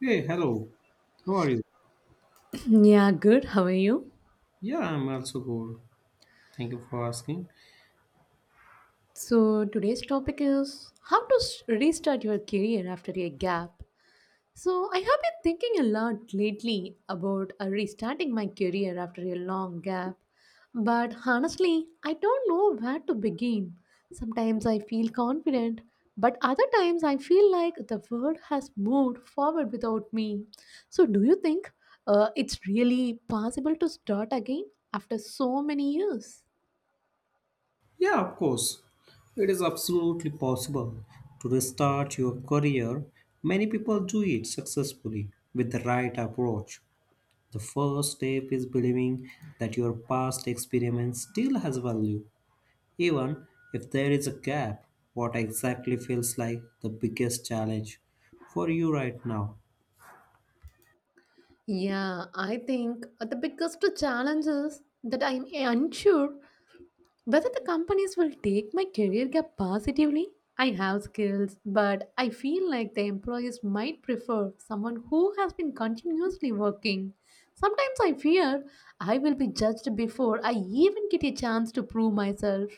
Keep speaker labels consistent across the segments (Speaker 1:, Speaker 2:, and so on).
Speaker 1: Hey, hello. How are you?
Speaker 2: Yeah, good. How are you?
Speaker 1: Yeah, I'm also good. Thank you for asking.
Speaker 2: So, today's topic is how to restart your career after a gap. So, I have been thinking a lot lately about restarting my career after a long gap. But honestly, I don't know where to begin. Sometimes I feel confident, but other times I feel like the world has moved forward without me. So, do you think it's really possible to start again after so many years?
Speaker 1: Yeah, of course. It is absolutely possible to restart your career. Many people do it successfully with the right approach. The first step is believing that your past experience still has value, even if there is a gap. What exactly feels like the biggest challenge for you right now?
Speaker 2: Yeah, I think the biggest challenge is that I'm unsure whether the companies will take my career gap positively. I have skills, but I feel like the employees might prefer someone who has been continuously working. Sometimes I fear I will be judged before I even get a chance to prove myself.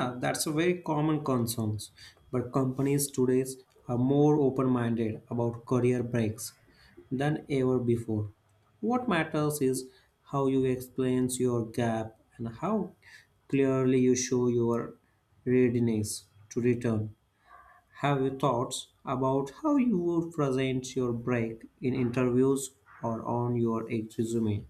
Speaker 1: Yeah, that's a very common concern, but companies today are more open-minded about career breaks than ever before. What matters is how you explain your gap and how clearly you show your readiness to return. Have you thoughts about how you would present your break in interviews or on your resume?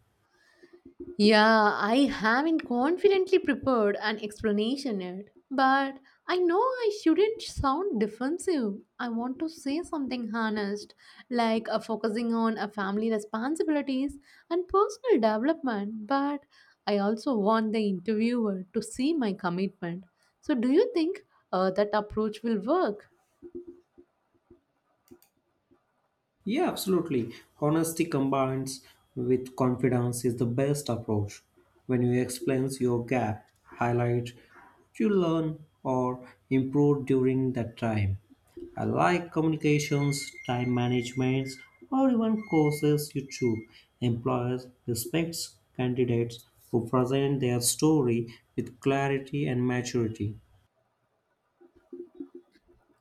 Speaker 2: Yeah, I haven't confidently prepared an explanation yet, but I know I shouldn't sound defensive. I want to say something honest, like focusing on a family responsibilities and personal development, but I also want the interviewer to see my commitment. So, do you think that approach will work?
Speaker 1: Yeah, absolutely. Honesty combines with confidence is the best approach. When you explain your gap, highlight what you learn or improve during that time. I like communications, time management, or even courses you choose. Employers respect candidates who present their story with clarity and maturity.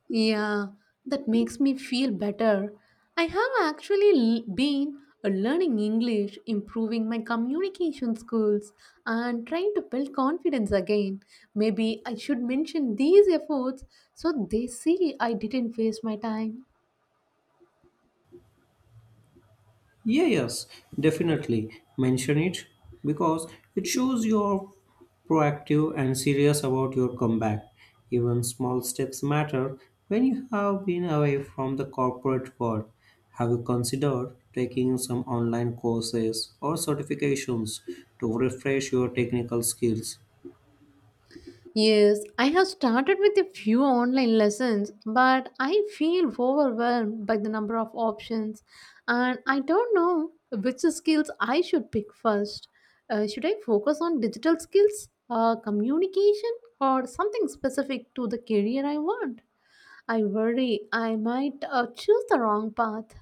Speaker 2: Yeah, that makes me feel better. I have actually been learning English, improving my communication skills, and trying to build confidence again. Maybe I should mention these efforts so they see I didn't waste my time.
Speaker 1: Yeah, yes, definitely. Mention it because it shows you're proactive and serious about your comeback. Even small steps matter when you have been away from the corporate world. Have you considered taking some online courses or certifications to refresh your technical skills?
Speaker 2: Yes, I have started with a few online lessons, but I feel overwhelmed by the number of options and I don't know which skills I should pick first. Should I focus on digital skills, communication, or something specific to the career I want? I worry I might choose the wrong path.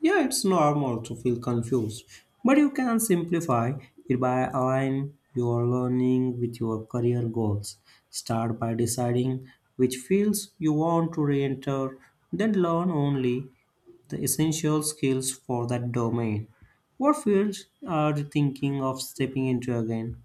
Speaker 1: Yeah, it's normal to feel confused, but you can simplify it by aligning your learning with your career goals. Start by deciding which fields you want to re enter, then learn only the essential skills for that domain. What fields are you thinking of stepping into again?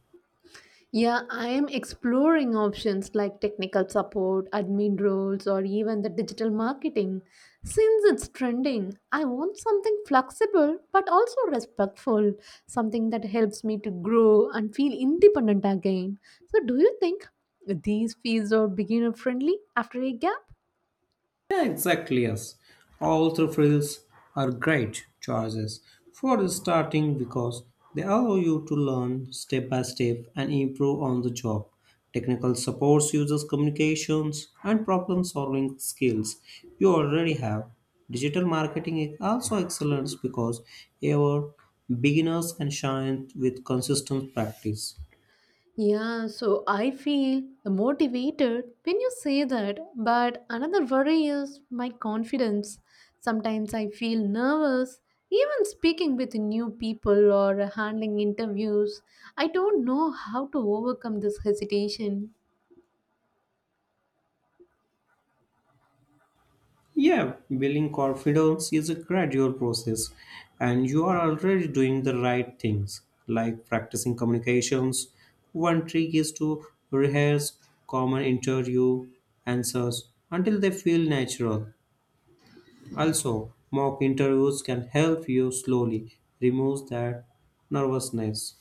Speaker 2: Yeah, I am exploring options like technical support, admin roles, or even the digital marketing. Since it's trending, I want something flexible but also respectful, something that helps me to grow and feel independent again. So, do you think these fields are beginner friendly after a gap?
Speaker 1: Yeah, exactly. Yes, all three fields are great choices for starting because they allow you to learn step by step and improve on the job. Technical supports users communications and problem solving skills you already have. Digital marketing is also excellent because our beginners can shine with consistent practice.
Speaker 2: Yeah, so I feel motivated when you say that, but another worry is my confidence. Sometimes I feel nervous, even speaking with new people or handling interviews. I don't know how to overcome this hesitation.
Speaker 1: Yeah, building confidence is a gradual process, and you are already doing the right things, like practicing communications. One trick is to rehearse common interview answers until they feel natural. Also, mock interviews can help you slowly remove that nervousness.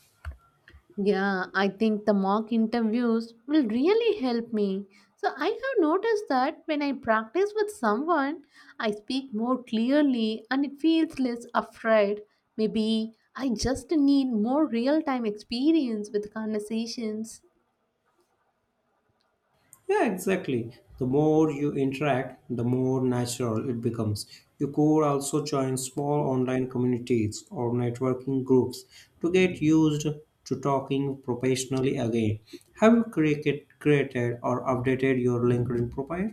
Speaker 2: Yeah, I think the mock interviews will really help me. So, I have noticed that when I practice with someone, I speak more clearly and it feels less afraid. Maybe I just need more real time experience with conversations.
Speaker 1: Yeah, exactly. The more you interact, the more natural it becomes. You could also join small online communities or networking groups to get used to talking professionally again. Have you created or updated your LinkedIn profile?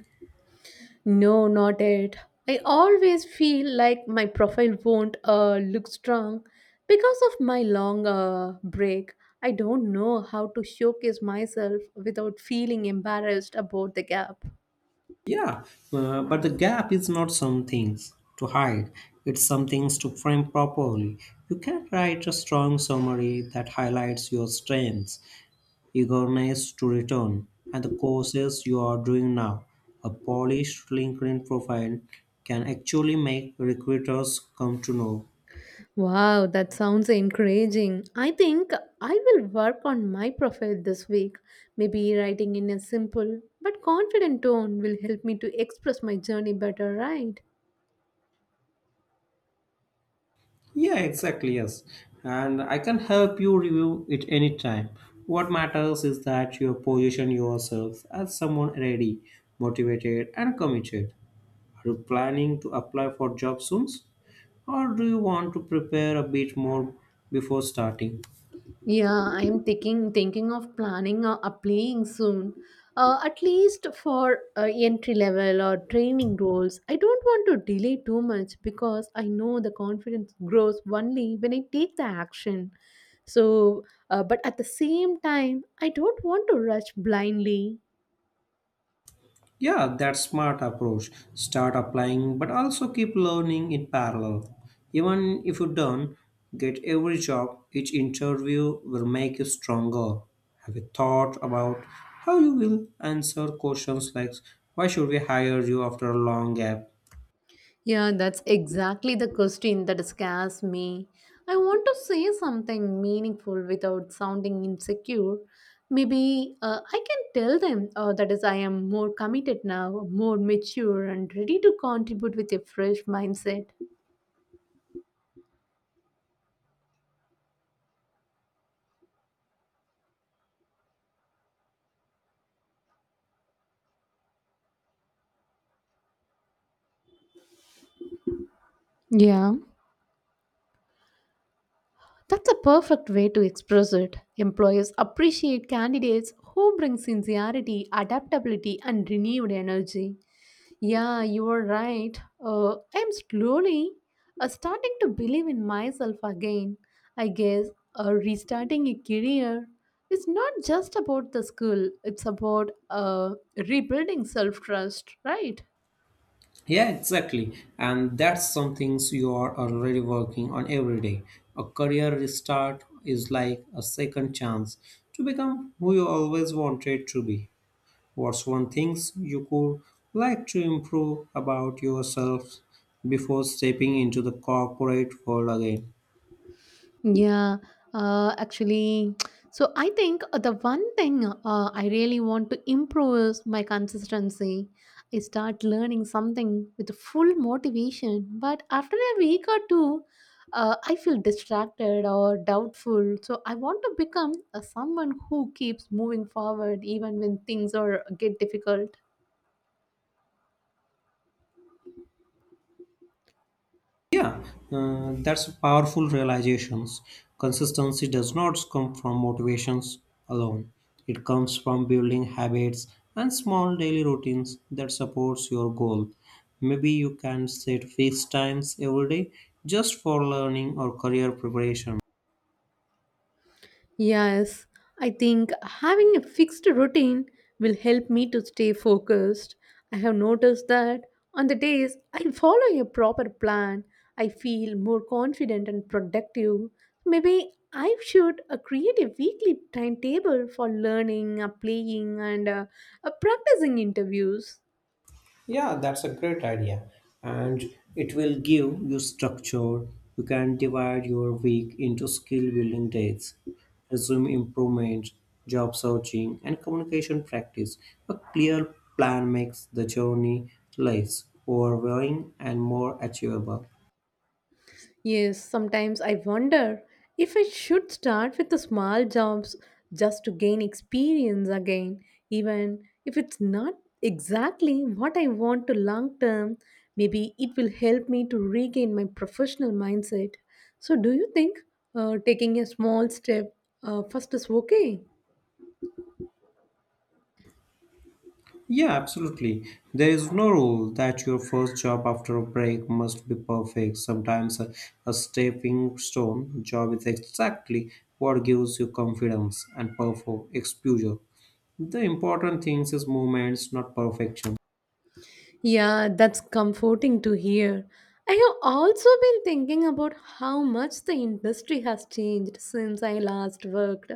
Speaker 2: No, not it. I always feel like my profile won't look strong because of my long break. I don't know how to showcase myself without feeling embarrassed about the gap.
Speaker 1: Yeah, but the gap is not some things to hide. It's some things to frame properly. You can write a strong summary that highlights your strengths eagerness to return, and the courses you are doing now. A polished LinkedIn profile can actually make recruiters come to know.
Speaker 2: Wow, that sounds encouraging. I think I will work on my profile this week. Maybe writing in a simple but confident tone will help me to express my journey better, right?
Speaker 1: Yeah, exactly, yes. And I can help you review it anytime. What matters is that you position yourself as someone ready, motivated, and committed. Are you planning to apply for jobs soon? Or do you want to prepare a bit more before starting?
Speaker 2: Yeah, I'm thinking of planning a, applying soon, at least for entry level or training roles. I don't want to delay too much because I know the confidence grows only when I take the action. So, but at the same time, I don't want to rush blindly.
Speaker 1: Yeah, that's smart approach. Start applying, but also keep learning in parallel. Even if you don't get every job, each interview will make you stronger. Have you thought about how you will answer questions like why should we hire you after a long gap?
Speaker 2: Yeah, that's exactly the question that scares me. I want to say something meaningful without sounding insecure. Maybe I can tell them that is, I am more committed now, more mature, and ready to contribute with a fresh mindset. Yeah, that's a perfect way to express it. Employers appreciate candidates who bring sincerity, adaptability, and renewed energy. Yeah, you are right. I'm slowly starting to believe in myself again. I guess restarting a career is not just about the school, it's about rebuilding self trust, right?
Speaker 1: Yeah, exactly. And that's some things you are already working on every day. A career restart is like a second chance to become who you always wanted to be. What's one thing you could like to improve about yourself before stepping into the corporate world again?
Speaker 2: Yeah, actually, so I think the one thing I really want to improve is my consistency. I start learning something with full motivation, but after a week or two, I feel distracted or doubtful. So I want to become someone who keeps moving forward even when things are get difficult.
Speaker 1: Yeah, that's a powerful realizations. Consistency does not come from motivations alone. It comes from building habits and small daily routines that supports your goal. Maybe you can set fixed times every day just for learning or career preparation.
Speaker 2: Yes, I think having a fixed routine will help me to stay focused. I have noticed that on the days I follow a proper plan, I feel more confident and productive. Maybe I should create a weekly timetable for learning, playing, and practicing interviews.
Speaker 1: Yeah, that's a great idea. And it will give you structure. You can divide your week into skill building days, resume improvement, job searching, and communication practice. A clear plan makes the journey less overwhelming and more achievable.
Speaker 2: Yes, sometimes I wonder if I should start with the small jobs just to gain experience again, even if it's not exactly what I want to long term. Maybe it will help me to regain my professional mindset. So, do you think taking a small step first is okay?
Speaker 1: Yeah, absolutely. There is no rule that your first job after a break must be perfect. Sometimes a stepping stone job is exactly what gives you confidence and perfor exposure. The important things is movements, not perfection.
Speaker 2: Yeah, that's comforting to hear. I have also been thinking about how much the industry has changed since I last worked.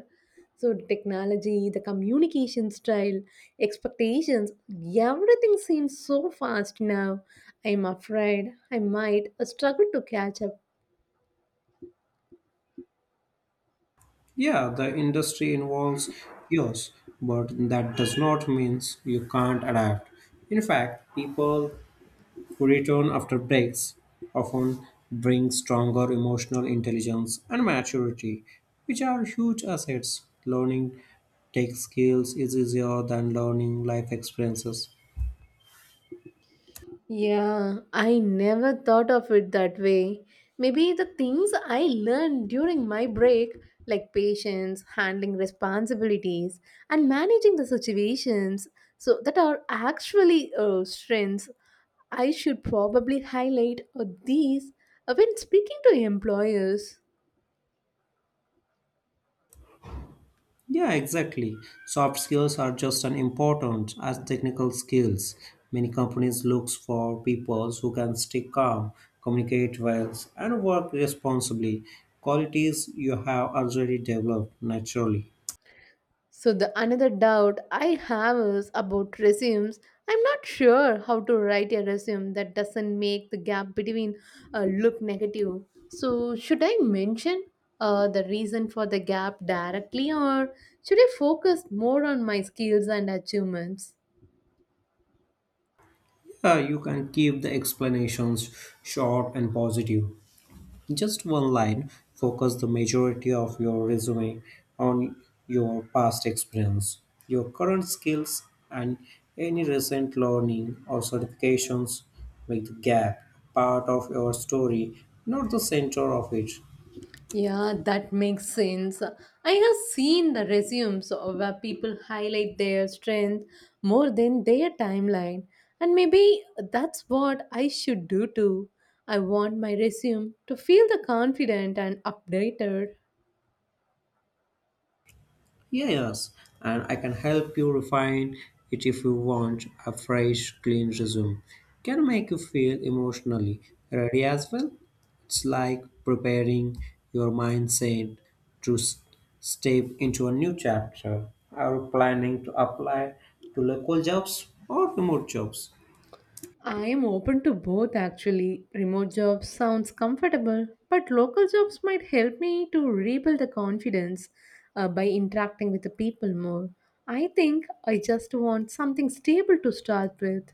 Speaker 2: So, technology, the communication style, expectations, everything seems so fast now. I'm afraid I might struggle to catch up.
Speaker 1: Yeah, the industry involves yours, but that does not mean you can't adapt. In fact, people Return after breaks often brings stronger emotional intelligence and maturity, which are huge assets. Learning tech skills is easier than learning life experiences.
Speaker 2: Yeah, I never thought of it that way. Maybe the things I learned during my break, like patience, handling responsibilities, and managing the situations, so that are actually strengths, I should probably highlight these when speaking to employers.
Speaker 1: Yeah, exactly. Soft skills are just as important as technical skills. Many companies look for people who can stay calm, communicate well, and work responsibly. Qualities you have already developed naturally.
Speaker 2: So the another doubt I have is about resumes. I'm not sure how to write a resume that doesn't make the gap between look negative. So should I mention the reason for the gap directly, or should I focus more on my skills and achievements?
Speaker 1: You can keep the explanations short and positive. Just one line, focus the majority of your resume on your past experience, your current skills, and any recent learning or certifications. Make the gap part of your story, not the center of it.
Speaker 2: Yeah, that makes sense. I have seen the resumes of where people highlight their strength more than their timeline, and maybe that's what I should do too. I want my resume to feel the confident and updated.
Speaker 1: Yeah, yes, and I can help you refine it if you want. A fresh, clean resume can make you feel emotionally ready as well. It's like preparing your mindset to step into a new chapter. Are you planning to apply to local jobs or remote jobs?
Speaker 2: I am open to both actually. Remote jobs sounds comfortable, but local jobs might help me to rebuild the confidence by interacting with the people more. I think I just want something stable to start with.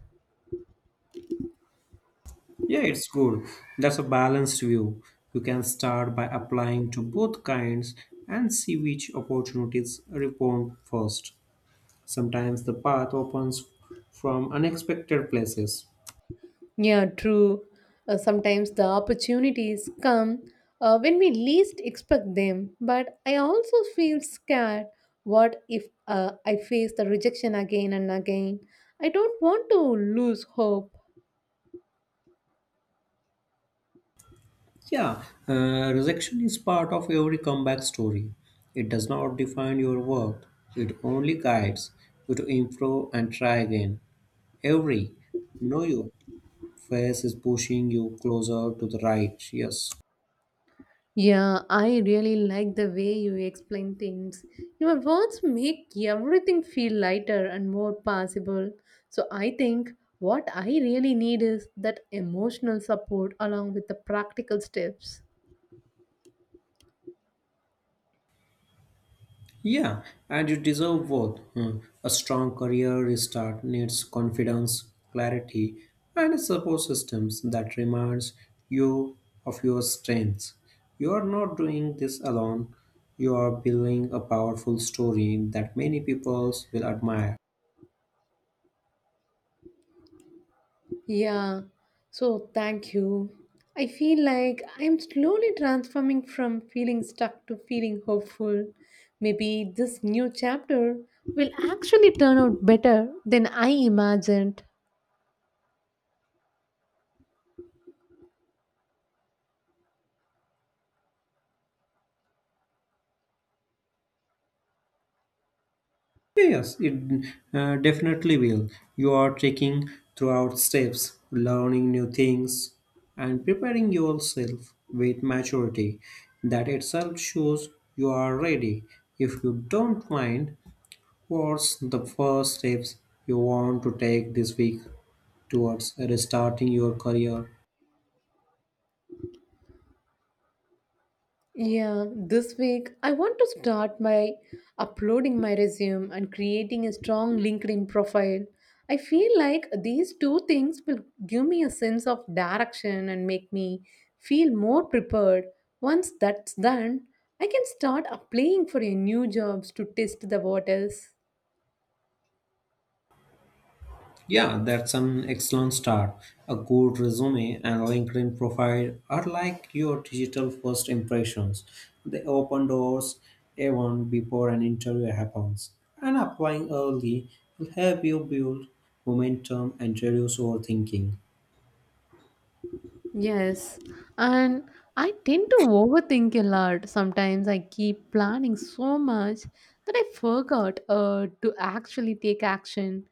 Speaker 1: Yeah, it's good. That's a balanced view. You can start by applying to both kinds and see which opportunities respond first. Sometimes the path opens from unexpected places.
Speaker 2: Yeah, true. Sometimes the opportunities come when we least expect them, but I also feel scared. What if I face the rejection again and again? I don't want to lose hope.
Speaker 1: Yeah, rejection is part of every comeback story. It does not define your worth, it only guides you to improve and try again. Every no you face is pushing you closer to the right. Yes.
Speaker 2: Yeah, I really like the way you explain things. Your words make everything feel lighter and more possible. So I think what I really need is that emotional support along with the practical steps.
Speaker 1: Yeah, and you deserve both. Hmm. A strong career restart needs confidence, clarity, and a support systems that reminds you of your strengths. You are not doing this alone. You are building a powerful story that many people will admire.
Speaker 2: Yeah, so thank you. I feel like I'm slowly transforming from feeling stuck to feeling hopeful. Maybe this new chapter will actually turn out better than I imagined.
Speaker 1: Yes, it definitely will. You are taking throughout steps, learning new things, and preparing yourself with maturity. That itself shows you are ready. If you don't mind, what's the first steps you want to take this week towards restarting your career?
Speaker 2: Yeah, this week I want to start by uploading my resume and creating a strong LinkedIn profile. I feel like these two things will give me a sense of direction and make me feel more prepared. Once that's done, I can start applying for a new jobs to test the waters.
Speaker 1: Yeah, that's an excellent start. A good resume and LinkedIn profile are like your digital first impressions. They open doors even before an interview happens. And applying early will help you build momentum and reduce overthinking.
Speaker 2: Yes, and I tend to overthink a lot. Sometimes I keep planning so much that I forgot to actually take action.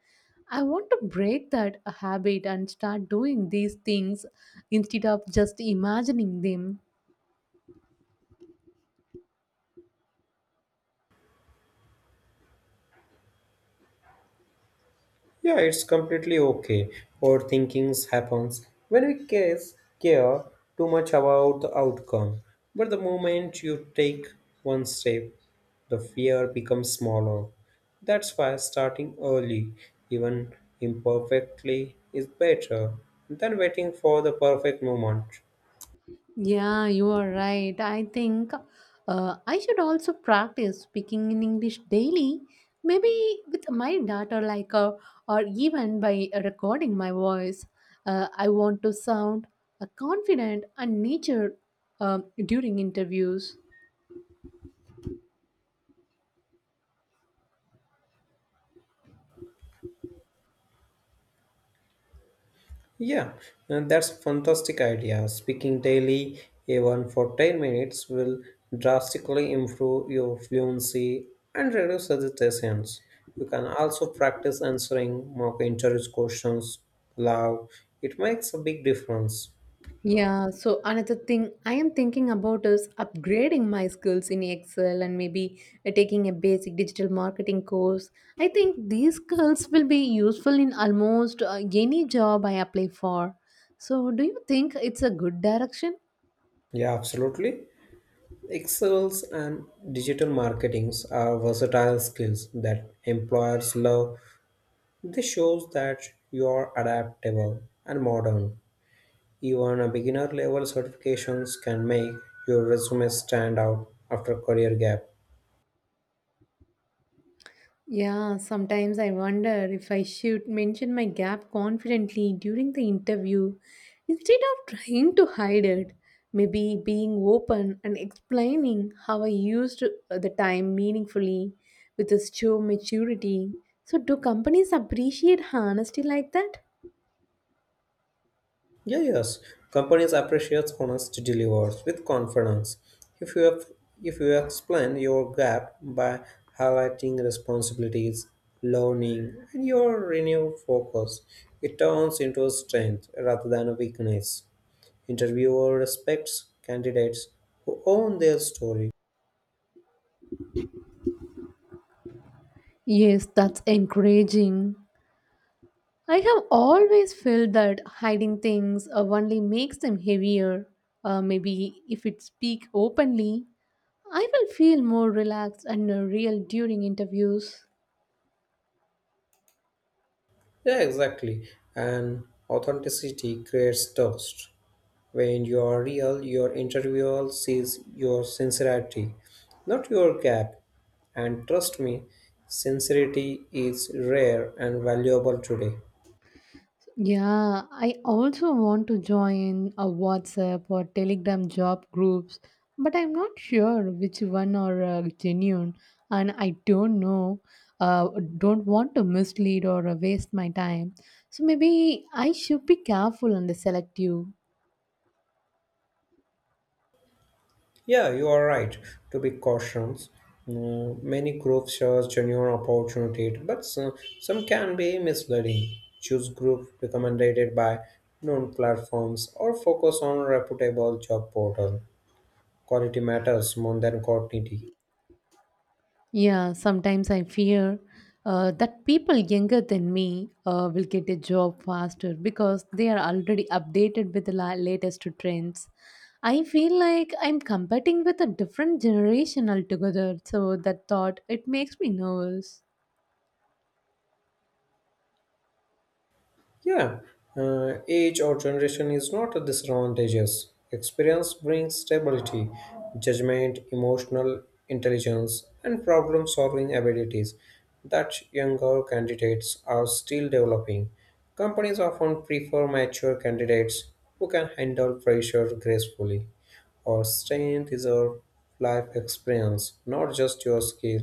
Speaker 2: I want to break that habit and start doing these things instead of just imagining them.
Speaker 1: Yeah, it's completely okay. Overthinkings happens when we case care too much about the outcome. But the moment you take one step, the fear becomes smaller. That's why starting early, even imperfectly, is better than waiting for the perfect moment.
Speaker 2: Yeah, you are right. I think I should also practice speaking in English daily, maybe with my daughter, like or even by recording my voice. I want to sound confident and nature during interviews.
Speaker 1: Yeah, and that's fantastic idea. Speaking daily, even for 10 minutes, will drastically improve your fluency and reduce hesitations. You can also practice answering mock interview questions aloud. It makes a big difference.
Speaker 2: Yeah, so another thing I am thinking about is upgrading my skills in Excel and maybe taking a basic digital marketing course. I think these skills will be useful in almost any job I apply for. So, do you think it's a good direction?
Speaker 1: Yeah, absolutely. Excels and digital marketings are versatile skills that employers love. This shows that you are adaptable and modern. Even a beginner level certifications can make your resume stand out after career gap.
Speaker 2: Yeah, sometimes I wonder if I should mention my gap confidently during the interview instead of trying to hide it. Maybe being open and explaining how I used the time meaningfully with a show maturity. So, do companies appreciate honesty like that?
Speaker 1: Yeah, yes, companies appreciate honest delivers with confidence. If you have, if you explain your gap by highlighting responsibilities, learning, and your renewed focus, it turns into a strength rather than a weakness. Interviewer respects candidates who own their story.
Speaker 2: Yes, that's encouraging. I have always felt that hiding things only makes them heavier. Maybe if it speak openly, I will feel more relaxed and real during interviews.
Speaker 1: Yeah, exactly. And authenticity creates trust. When you are real, your interviewer sees your sincerity, not your gap. And trust me, sincerity is rare and valuable today.
Speaker 2: Yeah, I also want to join a WhatsApp or Telegram job groups, but I'm not sure which one are genuine, and I don't know. Uh, don't want to mislead or waste my time. So maybe I should be careful and selective.
Speaker 1: Yeah, you are right to be cautious. Mm, many groups share genuine opportunity, but some can be misleading. Choose group recommended by known platforms or focus on reputable job portal. Quality matters more than quantity.
Speaker 2: Yeah, sometimes I fear that people younger than me will get a job faster because they are already updated with the latest trends. I feel like I'm competing with a different generation altogether, so that thought it makes me nervous.
Speaker 1: Yeah, age or generation is not a disadvantageous. Experience brings stability, judgment, emotional intelligence, and problem solving abilities that younger candidates are still developing. Companies often prefer mature candidates who can handle pressure gracefully. Our strength is our life experience, not just your skill.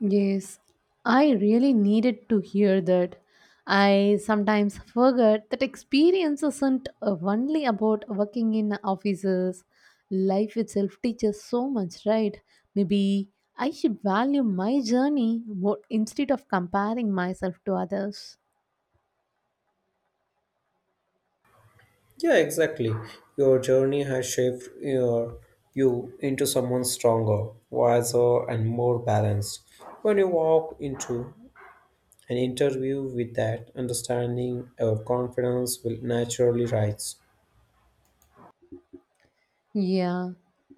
Speaker 2: Yes, I really needed to hear that. I sometimes forget that experience isn't only about working in offices. Life itself teaches so much, right? Maybe I should value my journey more instead of comparing myself to others.
Speaker 1: Yeah, exactly. Your journey has shaped you into someone stronger, wiser, and more balanced. When you walk into an interview with that understanding, your confidence will naturally rise.
Speaker 2: Yeah,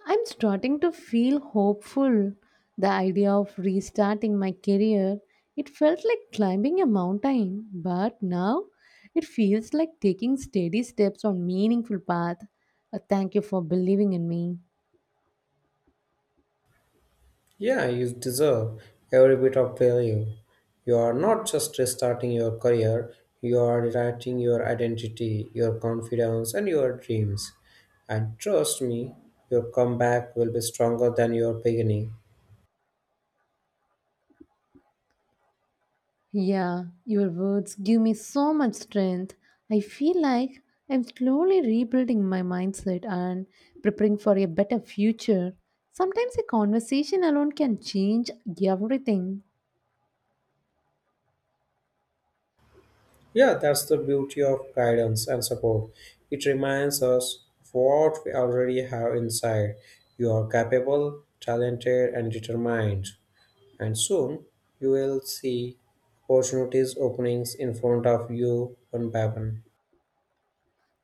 Speaker 2: I'm starting to feel hopeful. The idea of restarting my career, it felt like climbing a mountain, but now it feels like taking steady steps on meaningful path. Thank you for believing in me.
Speaker 1: Yeah, you deserve every bit of value. You are not just restarting your career, you are rewriting your identity, your confidence, and your dreams. And trust me, your comeback will be stronger than your beginning.
Speaker 2: Yeah, your words give me so much strength. I feel like I'm slowly rebuilding my mindset and preparing for a better future. Sometimes a conversation alone can change everything.
Speaker 1: Yeah, that's the beauty of guidance and support. It reminds us of what we already have inside. You are capable, talented, and determined. And soon you will see opportunities openings in front of you one by one.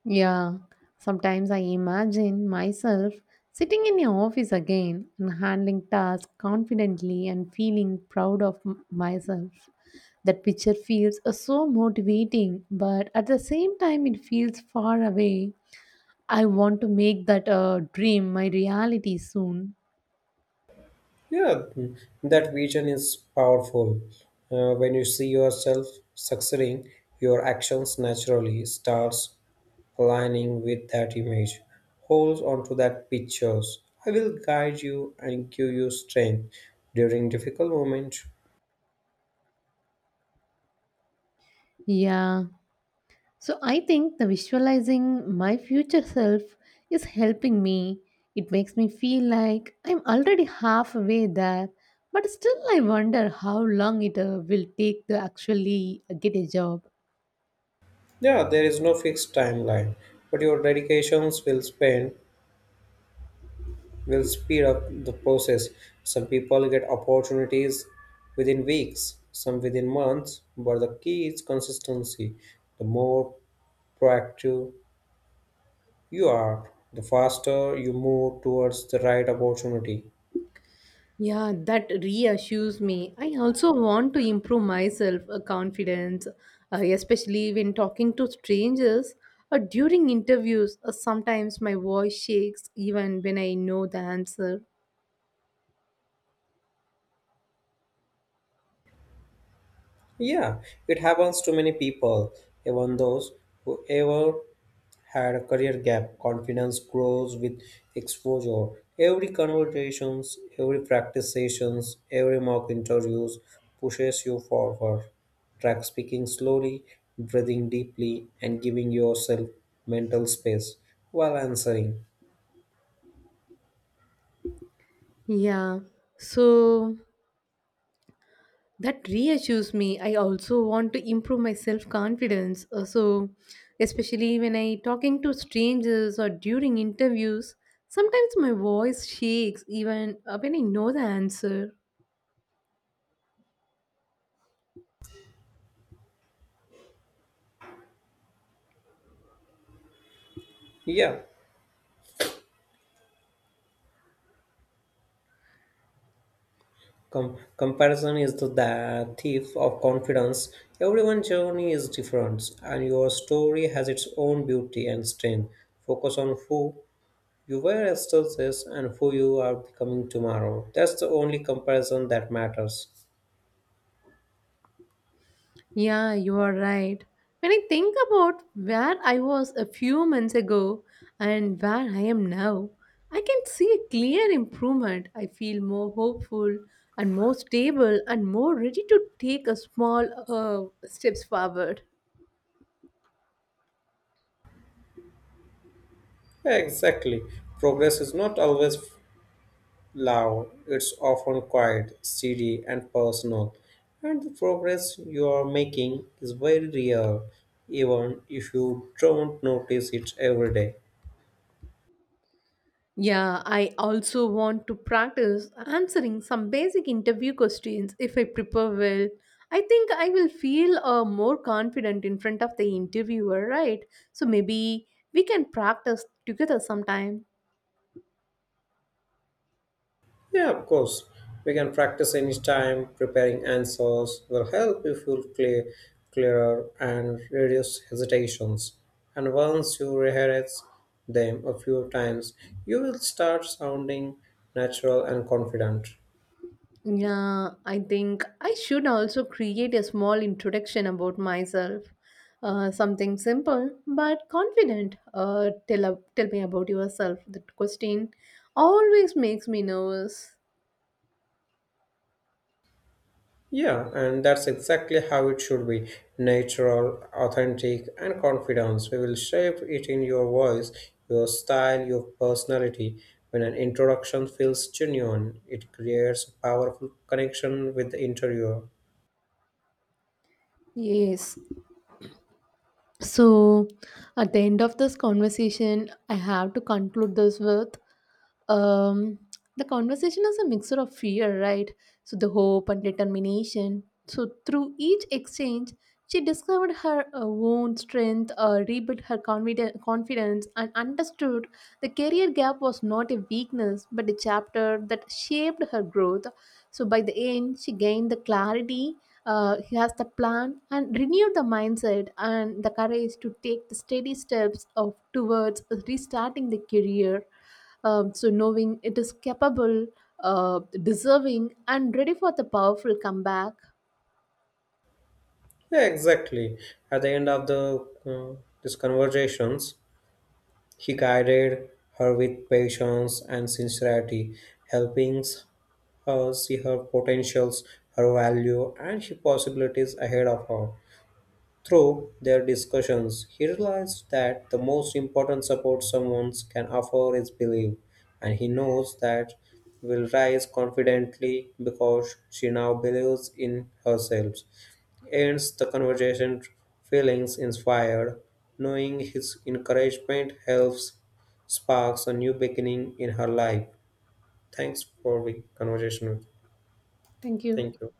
Speaker 2: Yeah, sometimes I imagine myself sitting in your office again and handling tasks confidently and feeling proud of myself. That picture feels so motivating, but at the same time, it feels far away. I want to make that dream my reality soon.
Speaker 1: Yeah, that vision is powerful. When you see yourself succeeding, your actions naturally starts aligning with that image. Hold on to that pictures. I will guide you and give you strength during difficult moments.
Speaker 2: Yeah, so I think the visualizing my future self is helping me. It makes me feel like I'm already halfway there, but still I wonder how long it will take to actually get a job.
Speaker 1: Yeah, there is no fixed timeline, but your dedications will spend will speed up the process. Some people get opportunities within weeks, some within months, but the key is consistency. The more proactive you are, the faster you move towards the right opportunity.
Speaker 2: Yeah, that reassures me. I also want to improve myself confidence, especially when talking to strangers or during interviews. Sometimes my voice shakes even when I know the answer.
Speaker 1: Yeah, it happens to many people, even those who ever had a career gap. Confidence grows with exposure. Every conversations, every practice sessions, every mock interviews pushes you forward. Track speaking slowly, breathing deeply, and giving yourself mental space while answering.
Speaker 2: Yeah. So that reassures me. I also want to improve my self confidence, so especially when I talking to strangers or during interviews, sometimes my voice shakes even when I know the answer.
Speaker 1: Yeah, comparison is the thief of confidence. Everyone's journey is different, and your story has its own beauty and strength. Focus on who you were yesterday and who you are becoming tomorrow. That's the only comparison that matters.
Speaker 2: Yeah, you are right. When I think about where I was a few months ago and where I am now, I can see a clear improvement. I feel more hopeful and more stable and more ready to take a small steps forward.
Speaker 1: Exactly. Progress is not always loud, it's often quiet, steady, and personal. And the progress you are making is very real, even if you don't notice it every day.
Speaker 2: Yeah, I also want to practice answering some basic interview questions if I prepare well. I think I will feel more confident in front of the interviewer, right? So maybe we can practice together sometime.
Speaker 1: Yeah, of course. We can practice anytime. Preparing answers will help you clearer and reduce hesitations. And once you rehearse them a few times, you will start sounding natural and confident.
Speaker 2: Yeah, I think I should also create a small introduction about myself. Something simple but confident. Tell me about yourself. That question always makes me nervous.
Speaker 1: Yeah, and that's exactly how it should be natural, authentic, and confidence. We will shape it in your voice, your style, your personality. When an introduction feels genuine, it creates a powerful connection with the interviewer.
Speaker 2: Yes, so, at the end of this conversation, I have to conclude this with um, the conversation is a mixture of fear, right? So, the hope and determination. So, through each exchange, she discovered her own strength, rebuilt her confidence, and understood the career gap was not a weakness but a chapter that shaped her growth. So, by the end, she gained the clarity. He has the plan and renewed the mindset and the courage to take the steady steps of towards restarting the career. So knowing it is capable, deserving, and ready for the powerful comeback.
Speaker 1: Yeah, exactly. At the end of the these conversations, he guided her with patience and sincerity, helping her see her potentials, her value, and her possibilities ahead of her. Through their discussions, he realized that the most important support someone can offer is belief, and he knows that will rise confidently because she now believes in herself. Ends the conversation, feelings inspired, knowing his encouragement helps sparks a new beginning in her life. Thanks for the conversation.
Speaker 2: Thank you.
Speaker 1: Thank you.